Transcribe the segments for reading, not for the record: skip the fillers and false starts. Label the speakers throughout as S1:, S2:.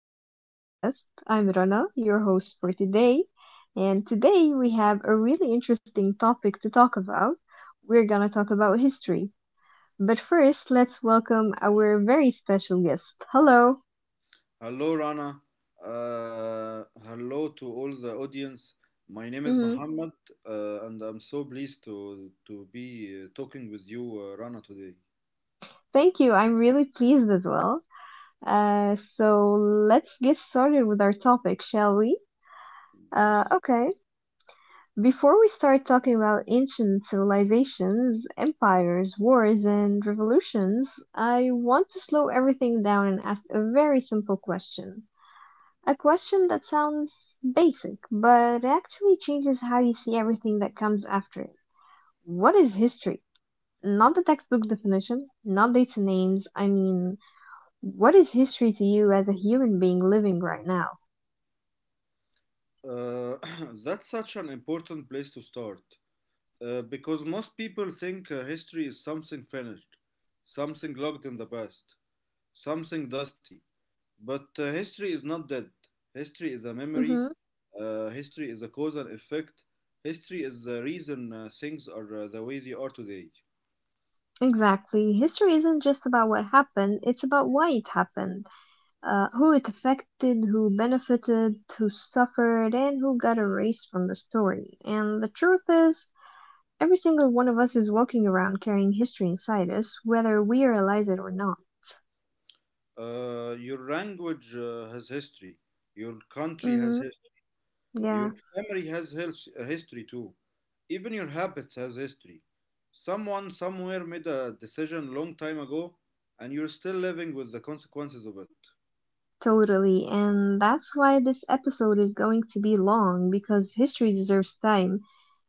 S1: to my podcast. I'm Rana, your host for today. And today we have a really interesting topic to talk about. We're going to talk about history. But first, let's welcome our very special guest. Hello.
S2: Hello, Rana. Hello to all the audience. My name is
S1: Hmm.
S2: Muhammad, and I'm so pleased to be talking with you, Rana, today.
S1: Thank you. I'm really pleased as well. So let's get started with our topic, shall we?
S2: Yes.
S1: Okay. Before we start talking about ancient civilizations, empires, wars, and revolutions, I want to slow everything down and ask a very simple question. A question that sounds basic, but actually changes how you see everything that comes after it. What is history? Not the textbook definition, not dates and names. I mean, what is history to you as a human being living right now?
S2: Uh, that's such an important place to start because most people think history is something finished, something locked in the past. Something dusty. But history is not dead. History is a memory.
S1: Hmm.
S2: History is a cause and effect. History is the reason things are the way they are today.
S1: Exactly. History isn't just about what happened, it's about why it happened, who it affected, who benefited, who suffered, and who got erased from the story. And the truth is, every single one of us is walking around carrying history inside us, whether we realize it or not.
S2: Your language has history. Your country has
S1: Hmm.
S2: history. Your
S1: Yeah,
S2: family has history too. Even your habits has history. Someone somewhere made a decision long time ago, and you're still living with the consequences of it.
S1: totally. And that's why this episode is going to be long, because history deserves time.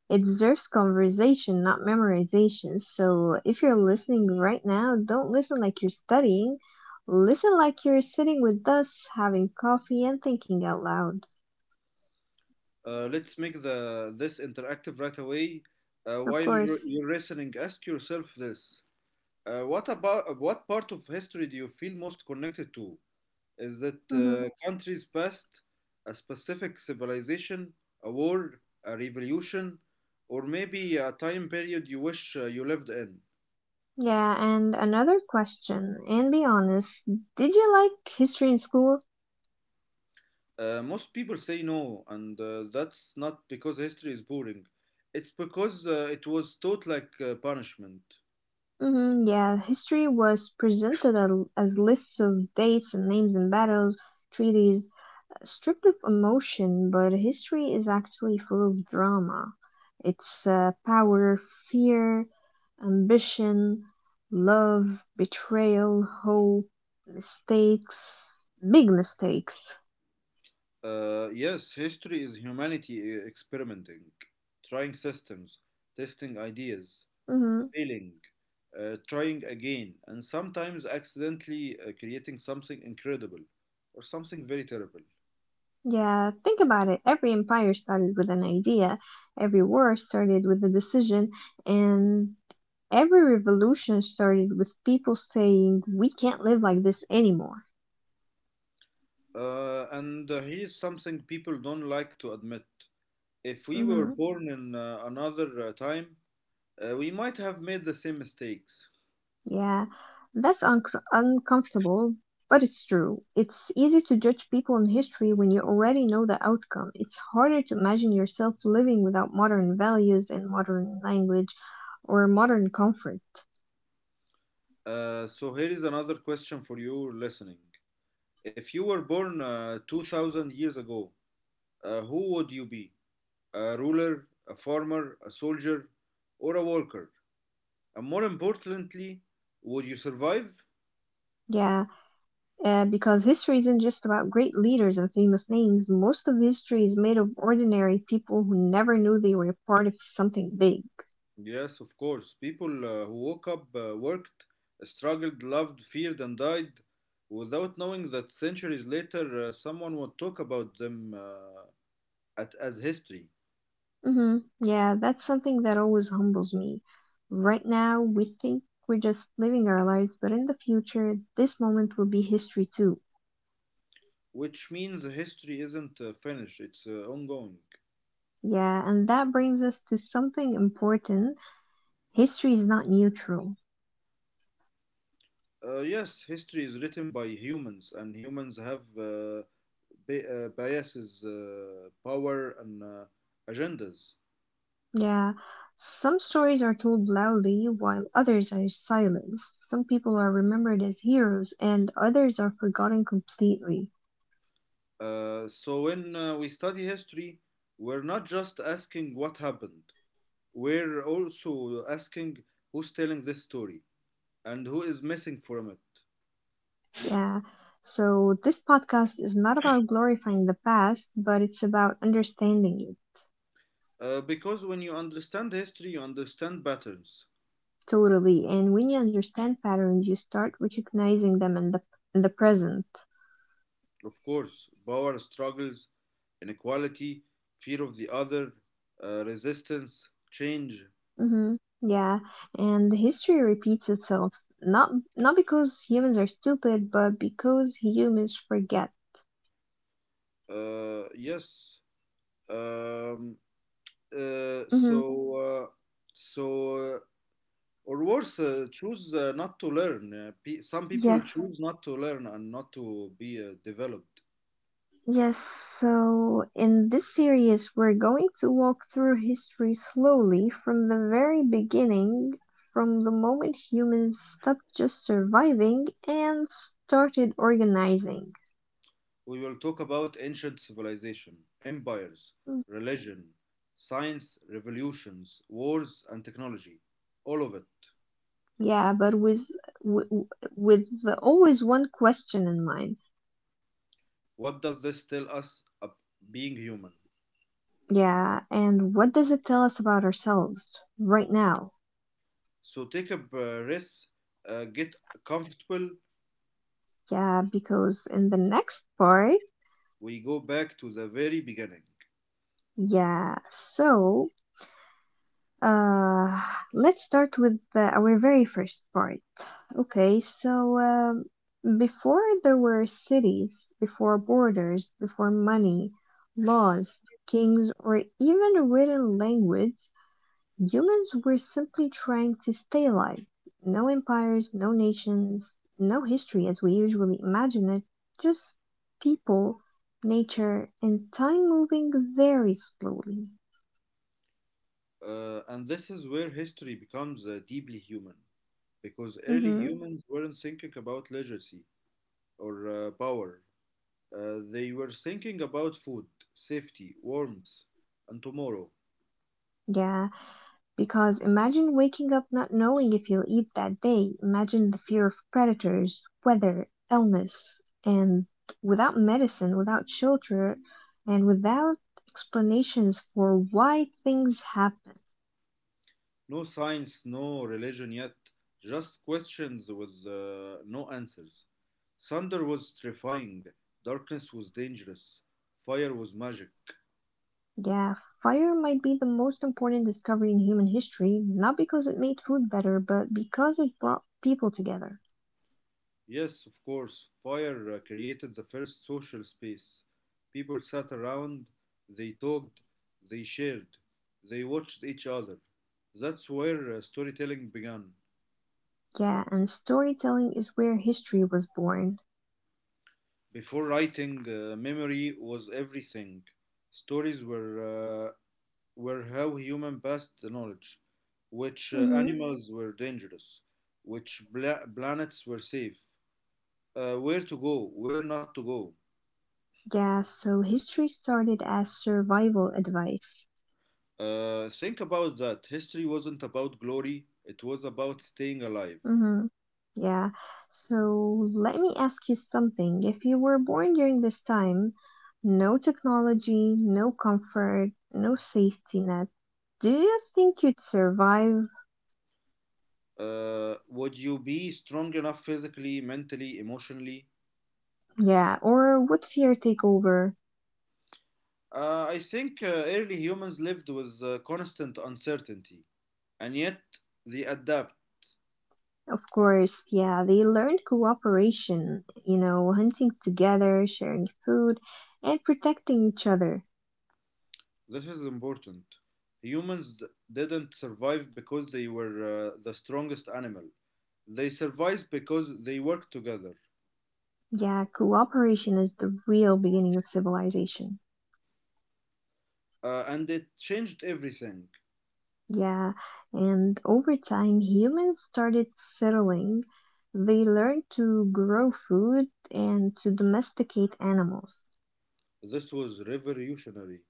S1: It deserves conversation, not memorization. So if you're listening right now, don't listen like you're studying. Listen like you're sitting with us, having coffee, and thinking out loud.
S2: Let's make the this interactive right away.
S1: Of
S2: While you're
S1: course.
S2: you're listening, ask yourself this: What about what part of history do you feel most connected to? Is it
S1: Hmm.
S2: country's past, a specific civilization, a war, a revolution, or maybe a time period you wish you lived in?
S1: Yeah, and another question, and be honest, did you like history in school?
S2: Most people say no, and that's not because history is boring. It's because it was taught like punishment.
S1: Hmm. Yeah, history was presented as lists of dates and names and battles, treaties, stripped of emotion, but history is actually full of drama. It's power, fear, ambition, love, betrayal, hope, mistakes, big mistakes.
S2: Yes, history is humanity experimenting, trying systems, testing ideas,
S1: Hmm.
S2: failing, trying again, and sometimes accidentally creating something incredible or something very terrible.
S1: Yeah, think about it. Every empire started with an idea, every war started with a decision, and every revolution started with people saying, "We can't live like this anymore."
S2: And here's something people don't like to admit. If we were
S1: Hmm.
S2: born in another time, we might have made the same mistakes.
S1: Yeah, that's uncr uncomfortable, but it's true. It's easy to judge people in history when you already know the outcome. It's harder to imagine yourself living without modern values and modern language or modern comfort.
S2: So here is another question for you listening. If you were born 2000 years ago, who would you be? A ruler, a farmer, a soldier, or a worker? And more importantly, would you survive?
S1: Yeah, because history isn't just about great leaders and famous names. Most of history is made of ordinary people who never knew they were part of something big.
S2: Yes, of course. People who woke up, worked, struggled, loved, feared, and died without knowing that centuries later someone would talk about them, as history,
S1: Hmm. Yeah, that's something that always humbles me. Right now, we think we're just living our lives, but in the future, this moment will be history too.
S2: which means history isn't finished, it's ongoing.
S1: Yeah, and that brings us to something important. History is not neutral.
S2: Yes, history is written by humans, and humans have, biases, power, and agendas.
S1: Yeah, some stories are told loudly while others are silenced. Some people are remembered as heroes and others are forgotten completely.
S2: So when we study history, we're not just asking what happened, we're also asking who's telling this story and who is missing from it.
S1: Yeah. So, this podcast is not about glorifying the past, but it's about understanding it.
S2: Because when you understand history, you understand patterns.
S1: Totally. And when you understand patterns, you start recognizing them in the present.
S2: Of course, power struggles, inequality, fear of the other, resistance, change.
S1: Hmm. Yeah, and history repeats itself not not because humans are stupid, but because humans forget.
S2: Uh, yes. Um, Uh,
S1: Hmm.
S2: so uh, so uh, or worse, choose not to learn, some people
S1: Yes,
S2: choose not to learn and not to be developed.
S1: yes. So in this series, we're going to walk through history slowly from the very beginning, from the moment humans stopped just surviving and started organizing.
S2: We will talk about ancient civilization, empires, religion, science, revolutions, wars, and technology, all of it.
S1: Yeah, but with, with always one question in mind.
S2: What does this tell us of being human?
S1: Yeah, and what does it tell us about ourselves right now?
S2: So take a breath, get comfortable.
S1: Yeah, because in the next part,
S2: We go back to the very beginning.
S1: yeah, so uh let's start with our very first part. Okay, so before there were cities, before borders, before money, laws, kings, or even a written language, humans were simply trying to stay alive. No empires, no nations, no history as we usually imagine it, just people, nature, and time moving very slowly.
S2: And this is where history becomes deeply human, because early
S1: Hmm.
S2: humans weren't thinking about legacy or power. They were thinking about food, safety, warmth, and tomorrow.
S1: Yeah, because imagine waking up not knowing if you'll eat that day. Imagine the fear of predators, weather, illness, and without medicine, without shelter, and without explanations for why things happen.
S2: No science, no religion yet, just questions with no answers. Thunder was terrifying, darkness was dangerous, fire was magic.
S1: Yeah, fire might be the most important discovery in human history, not because it made food better, but because it brought people together.
S2: Yes, of course. Fire created the first social space. People sat around, they talked, they shared, they watched each other. That's where storytelling began.
S1: Yeah, and storytelling is where history was born.
S2: Before writing, memory was everything. Stories were how human passed the knowledge, which
S1: Hmm.
S2: animals were dangerous, which planets were safe, where to go, where not to go.
S1: Yeah, so history started as survival advice.
S2: Think about that. History wasn't about glory, it was about staying alive.
S1: Hmm. Yeah, so let me ask you something. If you were born during this time, no technology, no comfort, no safety net, do you think you'd survive?
S2: Would you be strong enough physically, mentally, emotionally?
S1: Yeah, or would fear take over?
S2: I think early humans lived with constant uncertainty, and yet they adapt.
S1: Of course, yeah, they learned cooperation, hunting together, sharing food, and protecting each other.
S2: This is important. Humans didn't survive because they were the strongest animal. They survived because they worked together,
S1: Yeah, cooperation is the real beginning of civilization.
S2: and it changed everything.
S1: Yeah, and over time, humans started settling. They learned to grow food and to domesticate animals.
S2: This was revolutionary.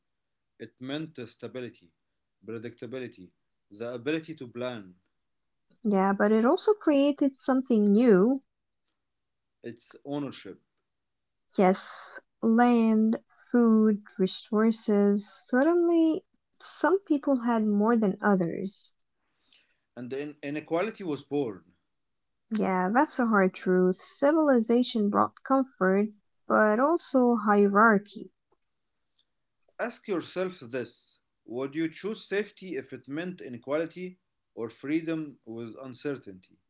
S2: It meant stability, predictability, the ability to plan,
S1: Yeah, but it also created something new.
S2: its ownership,
S1: Yes, land, food, resources. Suddenly, some people had more than others.
S2: and the inequality was born.
S1: Yeah, that's a hard truth. Civilization brought comfort, but also hierarchy.
S2: Ask yourself this: would you choose safety if it meant inequality, or freedom with uncertainty?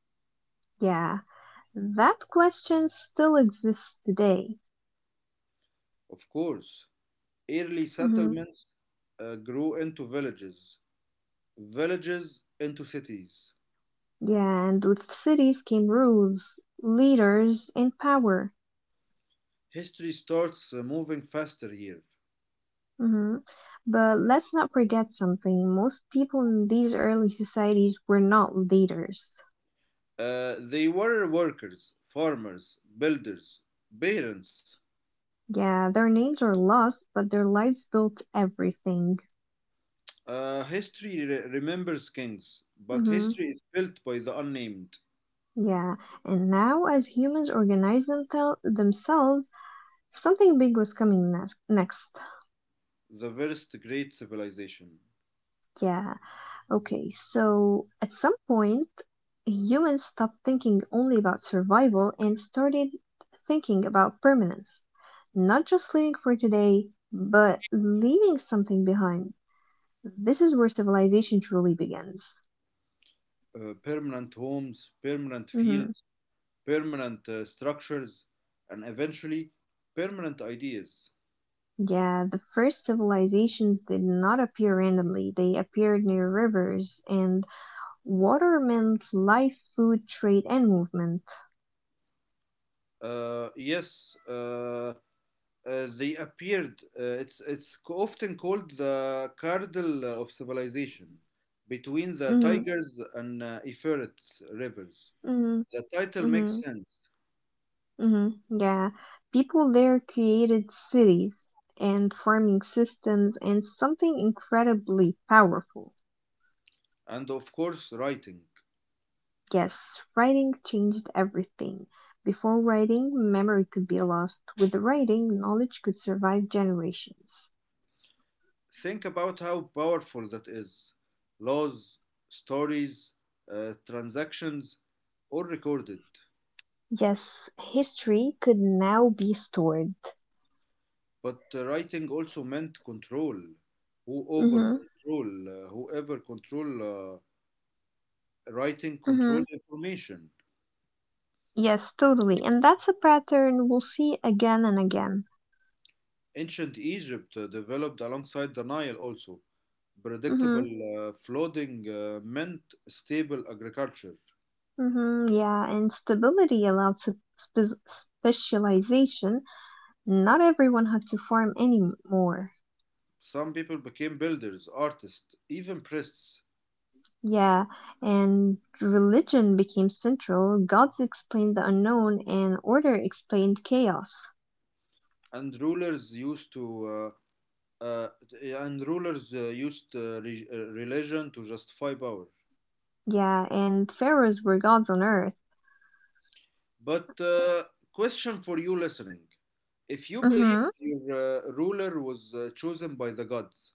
S1: Yeah, that question still exists today.
S2: Of course, early
S1: Hmm.
S2: settlements grew into villages, villages into cities.
S1: Yeah, and with cities came rules, leaders, and power.
S2: History starts moving faster here.
S1: Hmm. But let's not forget something. Most people in these early societies were not leaders.
S2: They were workers, farmers, builders, parents.
S1: Yeah, their names are lost, but their lives built everything.
S2: History remembers kings, but
S1: Hmm.
S2: history is built by the unnamed,
S1: Yeah, and now as humans organize themtel themselves, something big was coming ne next.
S2: the first great civilization.
S1: Yeah, okay, so at some point, humans stopped thinking only about survival and started thinking about permanence. Not just living for today, but leaving something behind. This is where civilization truly begins.
S2: Permanent homes, permanent fields, permanent structures, and eventually permanent ideas.
S1: Yeah, the first civilizations did not appear randomly. They appeared near rivers, and water meant life, food, trade, and movement.
S2: Uh, yes, uh, they appeared. It's often called the cradle of civilization, between the
S1: Mhm,
S2: Tigers and Euphrates rivers.
S1: mhm,
S2: The title makes
S1: mhm,
S2: sense,
S1: mhm. Yeah, people there created cities and farming systems and something incredibly powerful.
S2: and of course writing.
S1: Yes, writing changed everything. Before writing, memory could be lost. With writing, knowledge could survive generations.
S2: Think about how powerful that is. Laws, stories, transactions, all recorded.
S1: Yes, history could now be stored.
S2: But writing also meant control. Who over
S1: Mhm.
S2: control, uh, whoever control uh, writing control
S1: Mhm.
S2: information.
S1: Yes, totally. And that's a pattern we'll see again and again.
S2: Ancient Egypt developed alongside the Nile also.
S1: Mhm.
S2: Predictable flooding meant stable agriculture.
S1: Mhm. Yeah, and stability allowed specialization. Not everyone had to farm anymore.
S2: Some people became builders, artists, even priests,
S1: Yeah, and religion became central. Gods explained the unknown, and order explained chaos.
S2: and rulers used to uh, and rulers used re- religion to justify power.
S1: Yeah, and pharaohs were gods on earth.
S2: But question for you listening: if you
S1: Mhm.
S2: believed your ruler was chosen by the gods,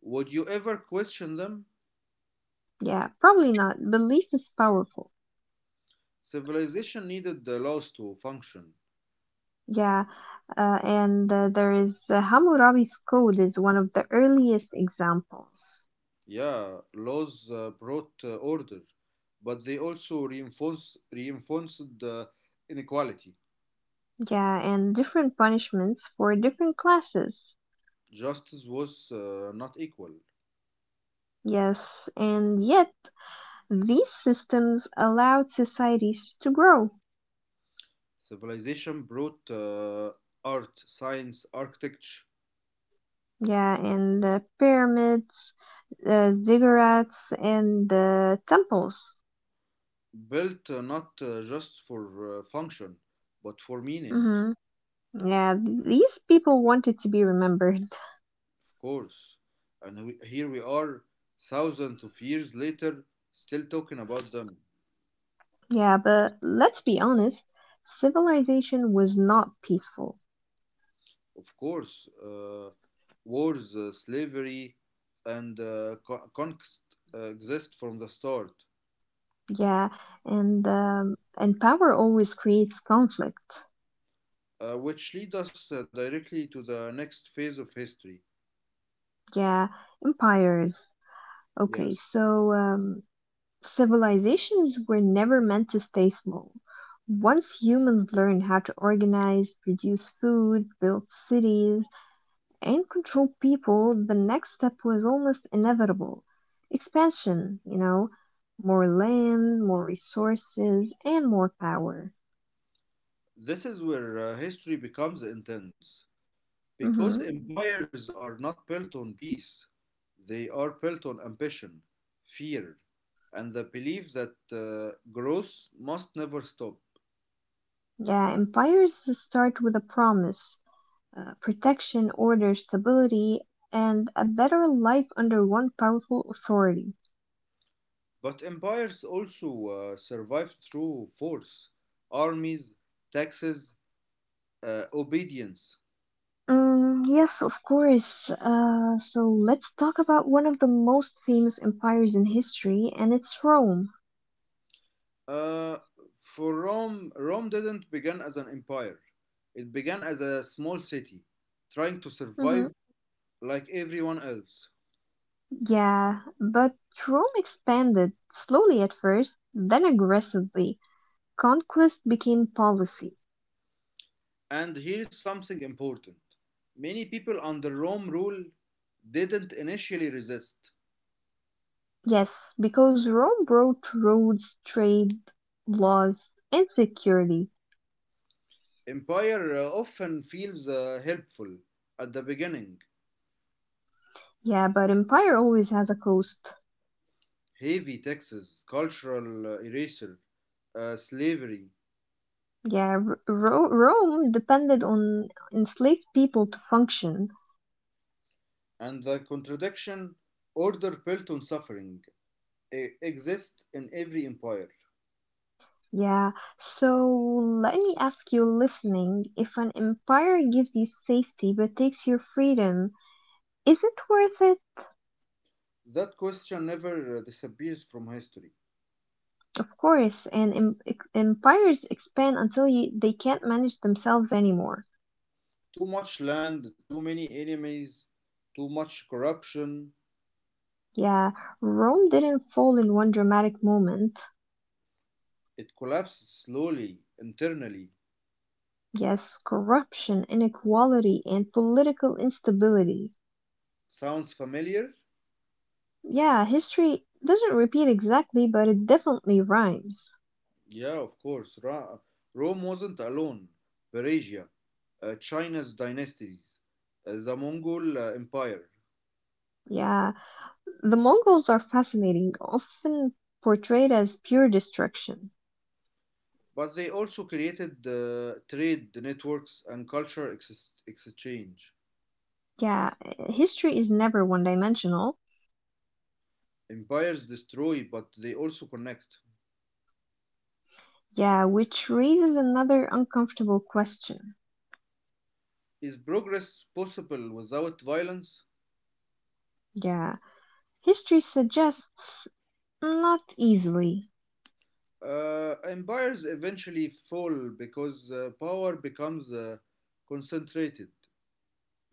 S2: would you ever question them?
S1: Yeah, probably not. Belief is powerful.
S2: Civilization needed the laws to function.
S1: Yeah, and there is Hammurabi's code is one of the earliest examples.
S2: Yeah, laws brought order, but they also reinforced the inequality.
S1: Yeah, and different punishments for different classes.
S2: Justice was not equal.
S1: Yes, and yet these systems allowed societies to grow.
S2: Civilization brought art, science, architecture,
S1: Yeah, and pyramids, ziggurats, and temples.
S2: built not just for function, but for meaning,
S1: Hmm. Yeah, these people wanted to be remembered.
S2: of course. And we, here we are, thousands of years later, still talking about them.
S1: Yeah, but let's be honest, civilization was not peaceful.
S2: Of course, wars, slavery, and conquest exist from the start,
S1: Yeah, and power always creates conflict.
S2: which lead us directly to the next phase of history.
S1: Yeah, empires. Okay,
S2: Yes.
S1: so civilizations were never meant to stay small. Once humans learn how to organize, produce food, build cities, and control people, the next step was almost inevitable. Expansion, more land, more resources, and more power.
S2: This is where history becomes intense because
S1: Hmm.
S2: empires are not built on peace, they are built on ambition, fear, and the belief that growth must never stop.
S1: Yeah, empires start with a promise, protection, order, stability, and a better life under one powerful authority.
S2: But empires also survive through force, armies, taxes, obedience.
S1: Mm, yes, of course. So let's talk about one of the most famous empires in history, and it's Rome.
S2: Uh, for Rome, Rome didn't begin as an empire, it began as a small city trying to
S1: Hmm.
S2: survive like everyone else.
S1: Yeah, but Rome expanded slowly at first, then aggressively. Conquest became policy.
S2: And here's something important: many people under Rome rule didn't initially resist.
S1: Yes, because Rome brought roads, trade, laws, and security.
S2: Empire often feels helpful at the beginning.
S1: Yeah, but empire always has a cost.
S2: Heavy taxes, cultural eraser, slavery,
S1: Yeah, Rome depended on enslaved people to function.
S2: and the contradiction, order built on suffering exist in every empire.
S1: Yeah, so let me ask you listening, if an empire gives you safety but takes your freedom, is it worth it?
S2: That question never disappears from history.
S1: Of course, and empires expand until they can't manage themselves anymore.
S2: Too much land, too many enemies, too much corruption.
S1: Yeah, Rome didn't fall in one dramatic moment.
S2: It collapsed slowly, internally.
S1: Yes, corruption, inequality, and political instability.
S2: Sounds familiar?
S1: Yeah, history doesn't repeat exactly, but it definitely rhymes.
S2: Yeah, of course. Rome wasn't alone. Persia, China's dynasties, the Mongol Empire.
S1: Yeah, the Mongols are fascinating, often portrayed as pure destruction.
S2: But they also created trade networks and cultural exchange.
S1: Yeah, history is never one dimensional.
S2: Empires destroy, but they also connect.
S1: Yeah, which raises another uncomfortable question.
S2: Is progress possible without violence?
S1: Yeah, history suggests not easily.
S2: Empires eventually fall because power becomes concentrated.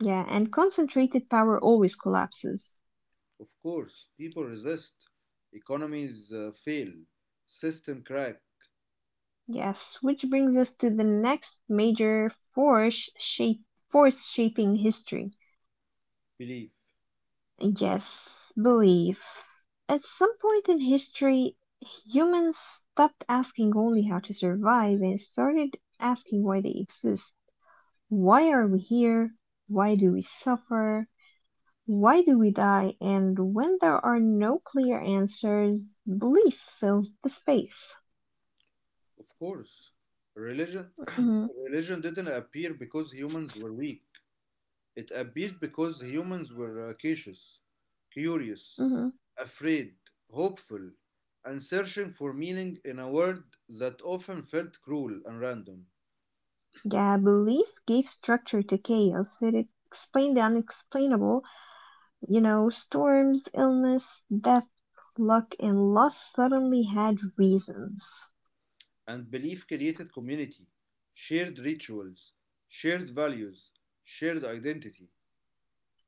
S1: Yeah, and concentrated power always collapses.
S2: Of course, people resist. Economies fail. System crack.
S1: Yes, which brings us to the next major force shaping history.
S2: Belief.
S1: Yes, belief. At some point in history, humans stopped asking only how to survive and started asking why they exist. Why are we here? Why do we suffer? Why do we die? And when there are no clear answers, belief fills the space.
S2: Of course. Religion
S1: Hmm.
S2: religion didn't appear because humans were weak. It appeared because humans were cautious, curious,
S1: Hmm.
S2: afraid, hopeful, and searching for meaning in a world that often felt cruel and random.
S1: Yeah, belief gave structure to chaos. It explained the unexplainable. Storms, illness, death, luck, and loss suddenly had reasons.
S2: And belief created community, shared rituals, shared values, shared identity.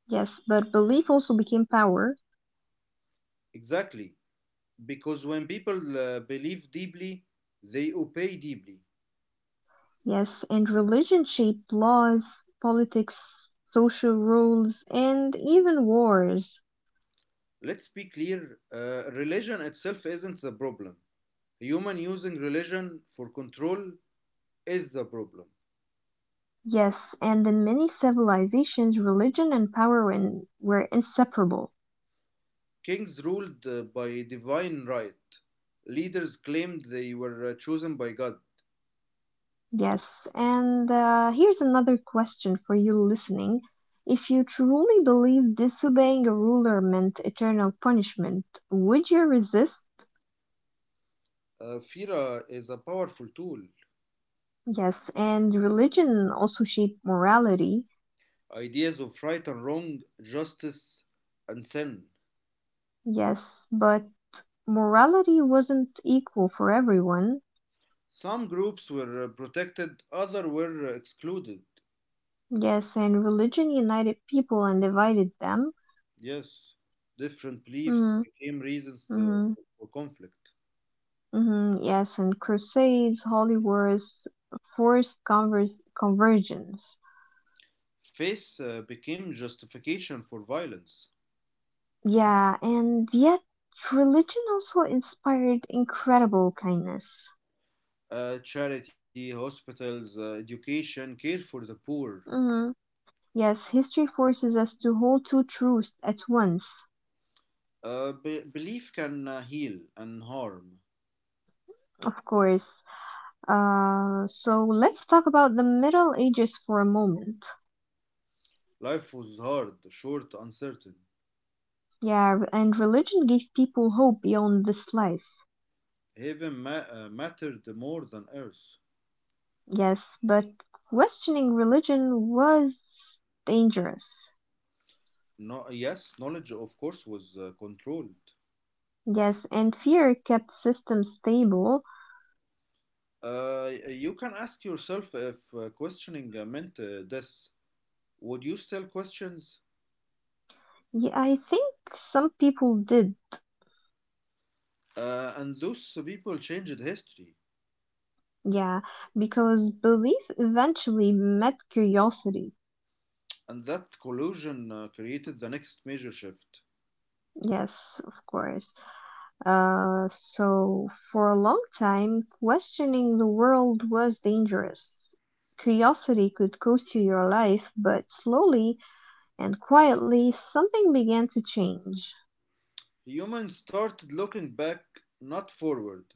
S1: Yes, but belief also became power.
S2: Exactly. Because when people believe deeply, they obey deeply.
S1: Yes, and religion shaped laws, politics, social rules, and even wars.
S2: Let's be clear, religion itself isn't the problem. Human using religion for control is the problem.
S1: Yes, and in many civilizations, religion and power were inseparable.
S2: Kings ruled by divine right, leaders claimed they were chosen by God.
S1: Yes, and here's another question for you listening. If you truly believe disobeying a ruler meant eternal punishment, would you resist?
S2: Fira is a powerful tool.
S1: Yes, and religion also shaped morality.
S2: Ideas of right and wrong, justice and sin.
S1: Yes, but morality wasn't equal for everyone.
S2: Some groups were protected, others were excluded.
S1: Yes, and religion united people and divided them.
S2: Yes, different beliefs
S1: Mm,
S2: became reasons to,
S1: mm,
S2: for conflict.
S1: mm, yes, and crusades, holy wars, forced conversions.
S2: Faith became justification for violence.
S1: Yeah, and yet religion also inspired incredible kindness.
S2: Charity, hospitals, education, care for the poor.
S1: Hmm. Yes, history forces us to hold two truths at once.
S2: Belief can heal and harm.
S1: Of course. So let's talk about the Middle Ages for a moment.
S2: Life was hard, short, uncertain.
S1: Yeah, and religion gave people hope beyond this life.
S2: Heaven mattered more than earth.
S1: Yes, but questioning religion was dangerous.
S2: No, yes, knowledge, of course, was controlled.
S1: Yes, and fear kept systems stable.
S2: You can ask yourself if questioning meant death. Would you still questions?
S1: Yeah, I think some people did.
S2: And those people changed history,
S1: Yeah, because belief eventually met curiosity.
S2: and that collusion created the next major shift.
S1: Yes, of course. So, for a long time, questioning the world was dangerous. Curiosity could cost you your life, but slowly and quietly, something began to change.
S2: Humans started looking back, not forward,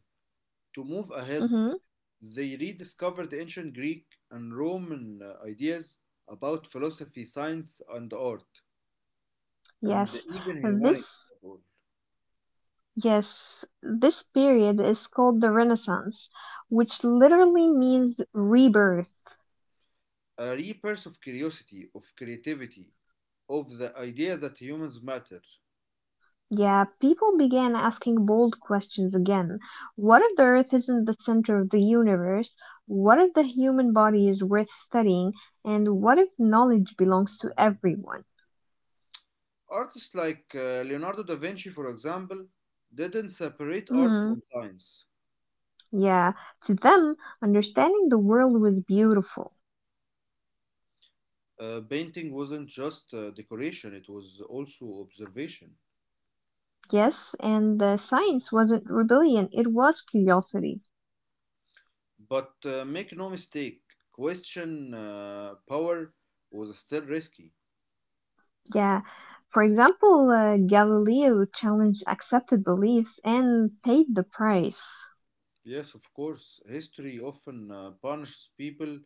S2: to move ahead.
S1: Mm-hmm.
S2: They rediscovered ancient Greek and Roman ideas about philosophy, science, and art, and
S1: Yes,
S2: even humanity.
S1: this. Yes, this period is called the Renaissance, which literally means rebirth.
S2: A rebirth of curiosity, of creativity, of the idea that humans matter.
S1: Yeah, people began asking bold questions again. What if the Earth isn't the center of the universe? What if the human body is worth studying? And what if knowledge belongs to everyone?
S2: Artists like Leonardo da Vinci, for example, didn't separate art
S1: Mm,
S2: from science.
S1: yeah, to them, understanding the world was beautiful.
S2: Painting wasn't just decoration, it was also observation.
S1: Yes, and the science wasn't rebellion, it was curiosity.
S2: But make no mistake, question power was still risky.
S1: Yeah. For example, Galileo challenged accepted beliefs and paid the price.
S2: Yes, of course, history often punishes people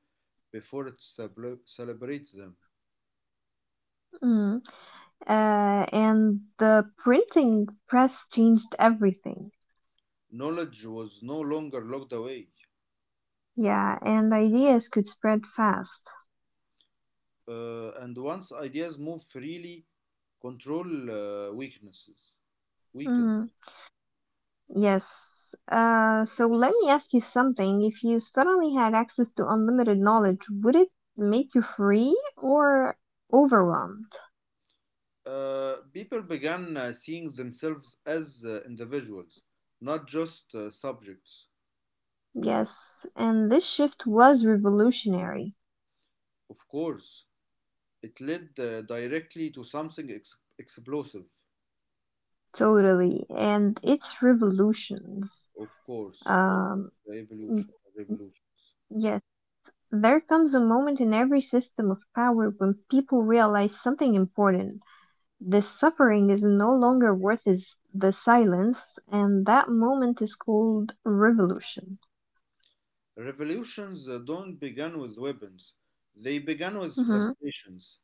S2: before it celebrates them.
S1: Mm. And the printing press changed everything.
S2: Knowledge was no longer locked away.
S1: Yeah, and ideas could spread fast.
S2: And once ideas move freely, control weaknesses. Weakened.
S1: Mm, yes. So let me ask you something. If you suddenly had access to unlimited knowledge, would it make you free or overwhelmed?
S2: People began seeing themselves as individuals, not just subjects.
S1: Yes, and this shift was revolutionary.
S2: Of course, it led directly to something explosive.
S1: Totally. And it's revolutions.
S2: Of course, it's
S1: Um,
S2: the revolutions.
S1: yes. There comes a moment in every system of power when people realize something important. The suffering is no longer worth is the silence, and that moment is called revolution.
S2: Revolutions don't begin with weapons. They begin with
S1: Mhm,
S2: frustrations,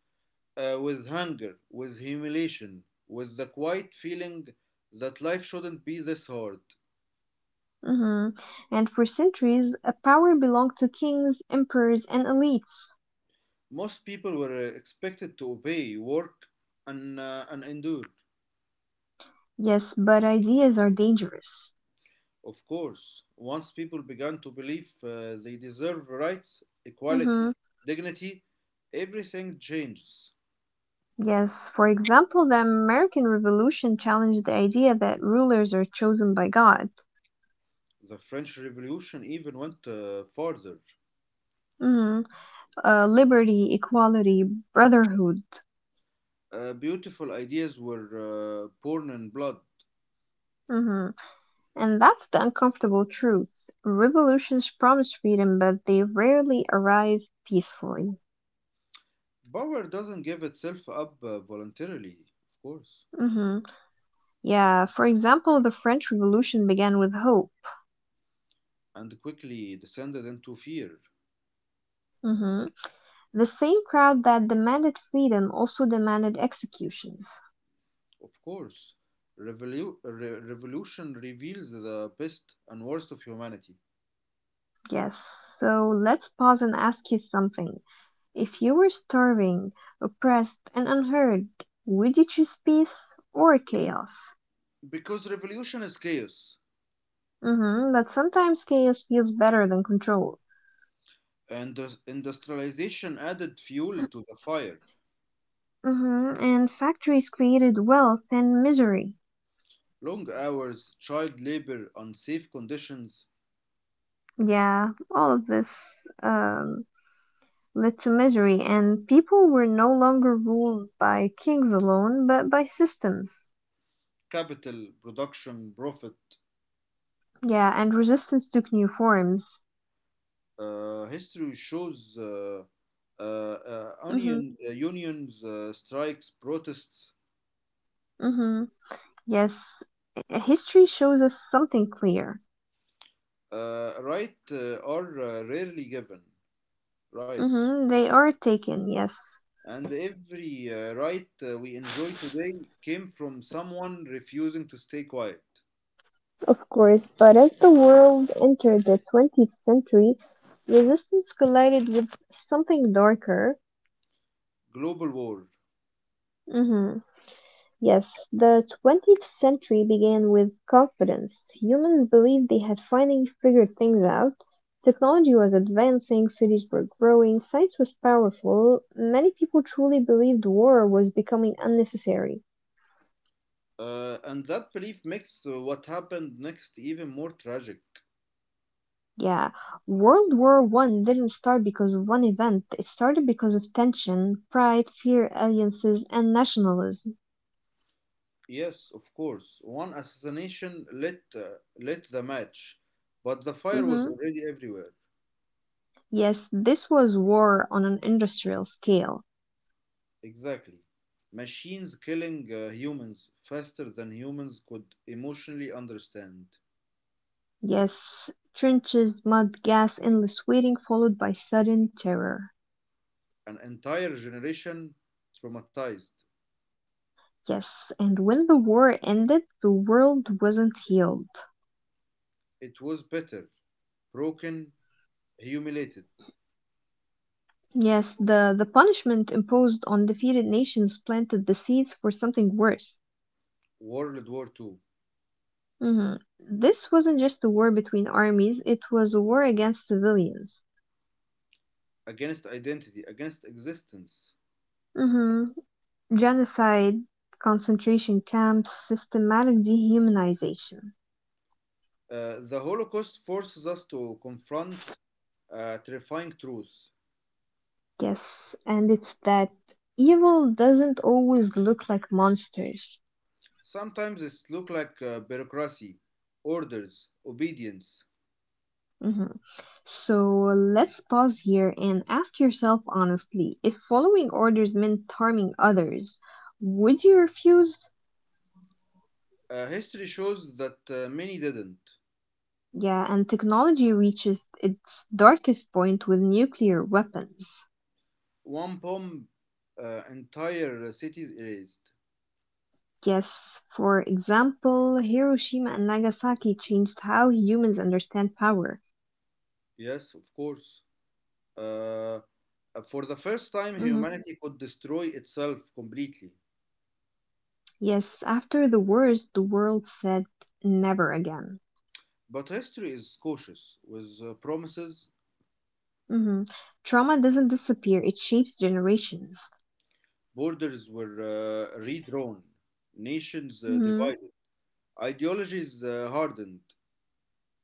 S2: with hunger, with humiliation, with the quiet feeling that life shouldn't be this hard.
S1: mhm. And for centuries, a power belonged to kings, emperors, and elites.
S2: Most people were expected to obey, work, and endure.
S1: Yes, but ideas are dangerous.
S2: Of course, once people began to believe they deserve rights,
S1: Mhm.
S2: equality, dignity, everything changes.
S1: Yes, for example, the American Revolution challenged the idea that rulers are chosen by God.
S2: The French Revolution even went farther.
S1: Mhm. Liberty, equality, brotherhood.
S2: Beautiful ideas were born in blood.
S1: Mm-hmm. And that's the uncomfortable truth. Revolutions promise freedom, but they rarely arrive peacefully.
S2: Power doesn't give itself up voluntarily, of course,
S1: Mm-hmm. Yeah, for example, the French Revolution began with hope.
S2: and quickly descended into fear.
S1: Mm-hmm. The same crowd that demanded freedom also demanded executions.
S2: Of course, revolution reveals the best and worst of humanity.
S1: Yes, so let's pause and ask you something. If you were starving, oppressed, and unheard, would you choose peace or chaos?
S2: Because revolution is chaos,
S1: But sometimes chaos feels better than control.
S2: and industrialization added fuel to the fire.
S1: And factories created wealth and misery.
S2: Long hours, child labor, unsafe conditions,
S1: Yeah, all of this um, led to misery, and people were no longer ruled by kings alone, but by systems.
S2: capital, production, profit.
S1: Yeah, and resistance took new forms.
S2: Uh, history shows uh, uh, uh,
S1: hmm
S2: union, uh, unions, strikes, protests.
S1: hmm Yes, history shows us something clear.
S2: Right are rarely given rights.
S1: They are taken, yes,
S2: And every right we enjoy today came from someone refusing to stay quiet.
S1: of course, but as the world entered the 20th century, resistance collided with something darker.
S2: Global war.
S1: hmm Yes, the 20th century began with confidence. Humans believed they had finally figured things out. Technology was advancing, cities were growing, science was powerful. Many people truly believed war was becoming unnecessary.
S2: And that belief makes what happened next even more tragic.
S1: Yeah, World War One didn't start because of one event. It started because of tension, pride, fear, alliances, and nationalism.
S2: Yes, of course. One assassination lit the match, but the fire was
S1: hmm
S2: already everywhere.
S1: Yes, this was war on an industrial scale.
S2: Exactly. Machines killing humans faster than humans could emotionally understand.
S1: Yes, trenches, mud, gas, endless waiting, followed by sudden terror.
S2: An entire generation traumatized.
S1: Yes, and when the war ended, the world wasn't healed.
S2: It was better broken, humiliated.
S1: Yes, the punishment imposed on defeated nations planted the seeds for something worse.
S2: World War II,
S1: Mhm. This wasn't just a war between armies, it was a war against civilians.
S2: against identity, against existence.
S1: Mhm. Genocide, concentration camps, systematic dehumanization.
S2: The Holocaust forces us to confront terrifying truths.
S1: Yes, and it's that evil doesn't always look like monsters.
S2: Sometimes it looks like bureaucracy, orders, obedience.
S1: Mhm. So let's pause here and ask yourself honestly if following orders meant harming others, would you refuse?
S2: History shows that many didn't.
S1: Yeah, and technology reaches its darkest point with nuclear weapons.
S2: One bomb, entire cities erased.
S1: Yes, for example, Hiroshima and Nagasaki changed how humans understand power.
S2: Yes, of course. Uh, for the first time,
S1: hmm
S2: humanity could destroy itself completely.
S1: Yes, after the wars, the world said never again.
S2: But history is cautious with promises.
S1: hmm Trauma doesn't disappear, it shapes generations.
S2: Borders were redrawn, nations
S1: hmm
S2: divided, ideologies hardened,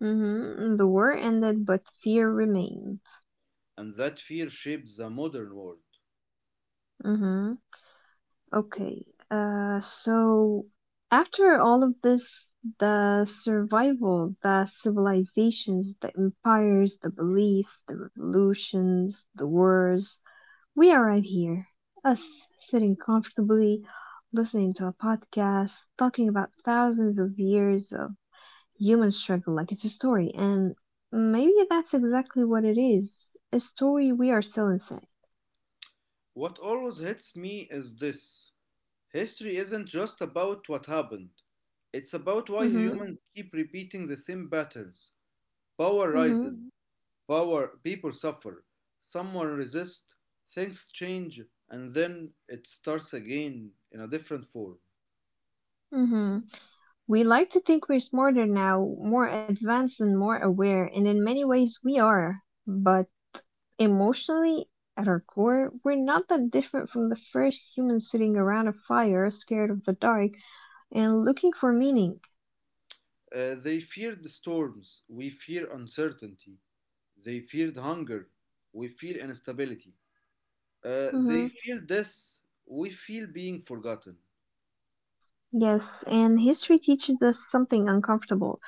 S1: The war ended, but fear remained.
S2: and that fear shapes the modern world.
S1: hmm Okay, so after all of this, the survival, the civilizations, the empires, the beliefs, the revolutions, the wars, we are right here, us sitting comfortably, listening to a podcast, talking about thousands of years of human struggle like it's a story, and maybe that's exactly what it is, a story we are still inside.
S2: What always hits me is this: history isn't just about what happened, it's about why
S1: Mm-hmm,
S2: humans keep repeating the same patterns. Power
S1: mm-hmm,
S2: rises, Mhm. Power, people suffer, someone resists, things change, and then it starts again in a different form.
S1: mm-hmm. We like to think we're smarter now, more advanced and more aware, and in many ways we are. But emotionally, at our core, we're not that different from the first human sitting around a fire, scared of the dark, and looking for meaning.
S2: They feared the storms. We fear uncertainty. They feared hunger. We feel instability. They
S1: hmm
S2: feel death. We feel being forgotten.
S1: Yes, and history teaches us something uncomfortable.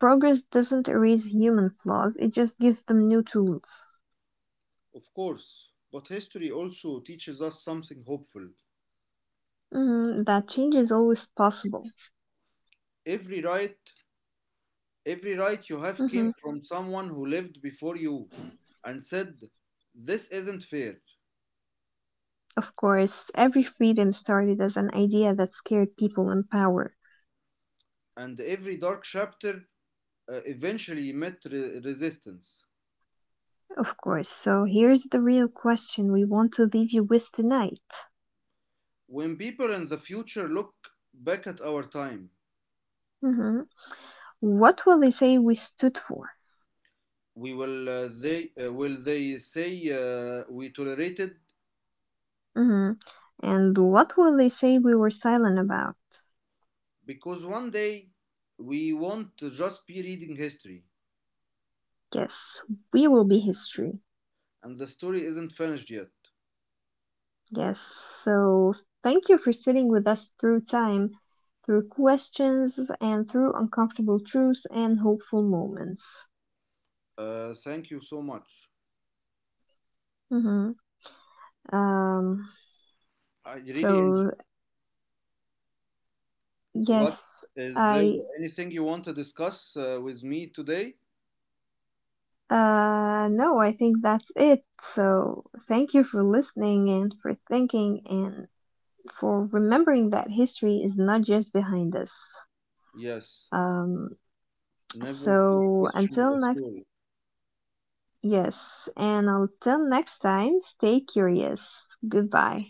S1: Progress doesn't erase human flaws, it just gives them new tools.
S2: Of course, but history also teaches us something hopeful.
S1: That change is always possible.
S2: Every right, every right you have
S1: hmm
S2: came from someone who lived before you and said, this isn't fair.
S1: Of course, every freedom started as an idea that scared people in power.
S2: And every dark chapter eventually met resistance.
S1: Of course. So here's the real question we want to leave you with tonight.
S2: When people in the future look back at our time,
S1: Mhm. What will they say we stood for?
S2: we will they will they say we tolerated
S1: Mhm. And what will they say we were silent about?
S2: because one day we want to just be reading history,
S1: Yes, we will be history.
S2: and the story isn't finished yet.
S1: Yes. So thank you for sitting with us through time, through questions, and through uncomfortable truths and hopeful moments.
S2: Thank you so much.
S1: Mhm. Um.
S2: I really enjoy.
S1: So,
S2: What
S1: yes,
S2: is there?
S1: I
S2: Anything you want to discuss with me today?
S1: no, I think that's it. So thank you for listening and for thinking and for remembering that history is not just behind us.
S2: Yes,
S1: Um
S2: never stop
S1: so
S2: questioning
S1: until
S2: the
S1: next
S2: story.
S1: yes, and until next time, stay curious. Goodbye.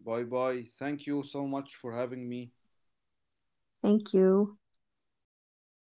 S2: Bye bye, thank you so much for having me.
S1: Thank you.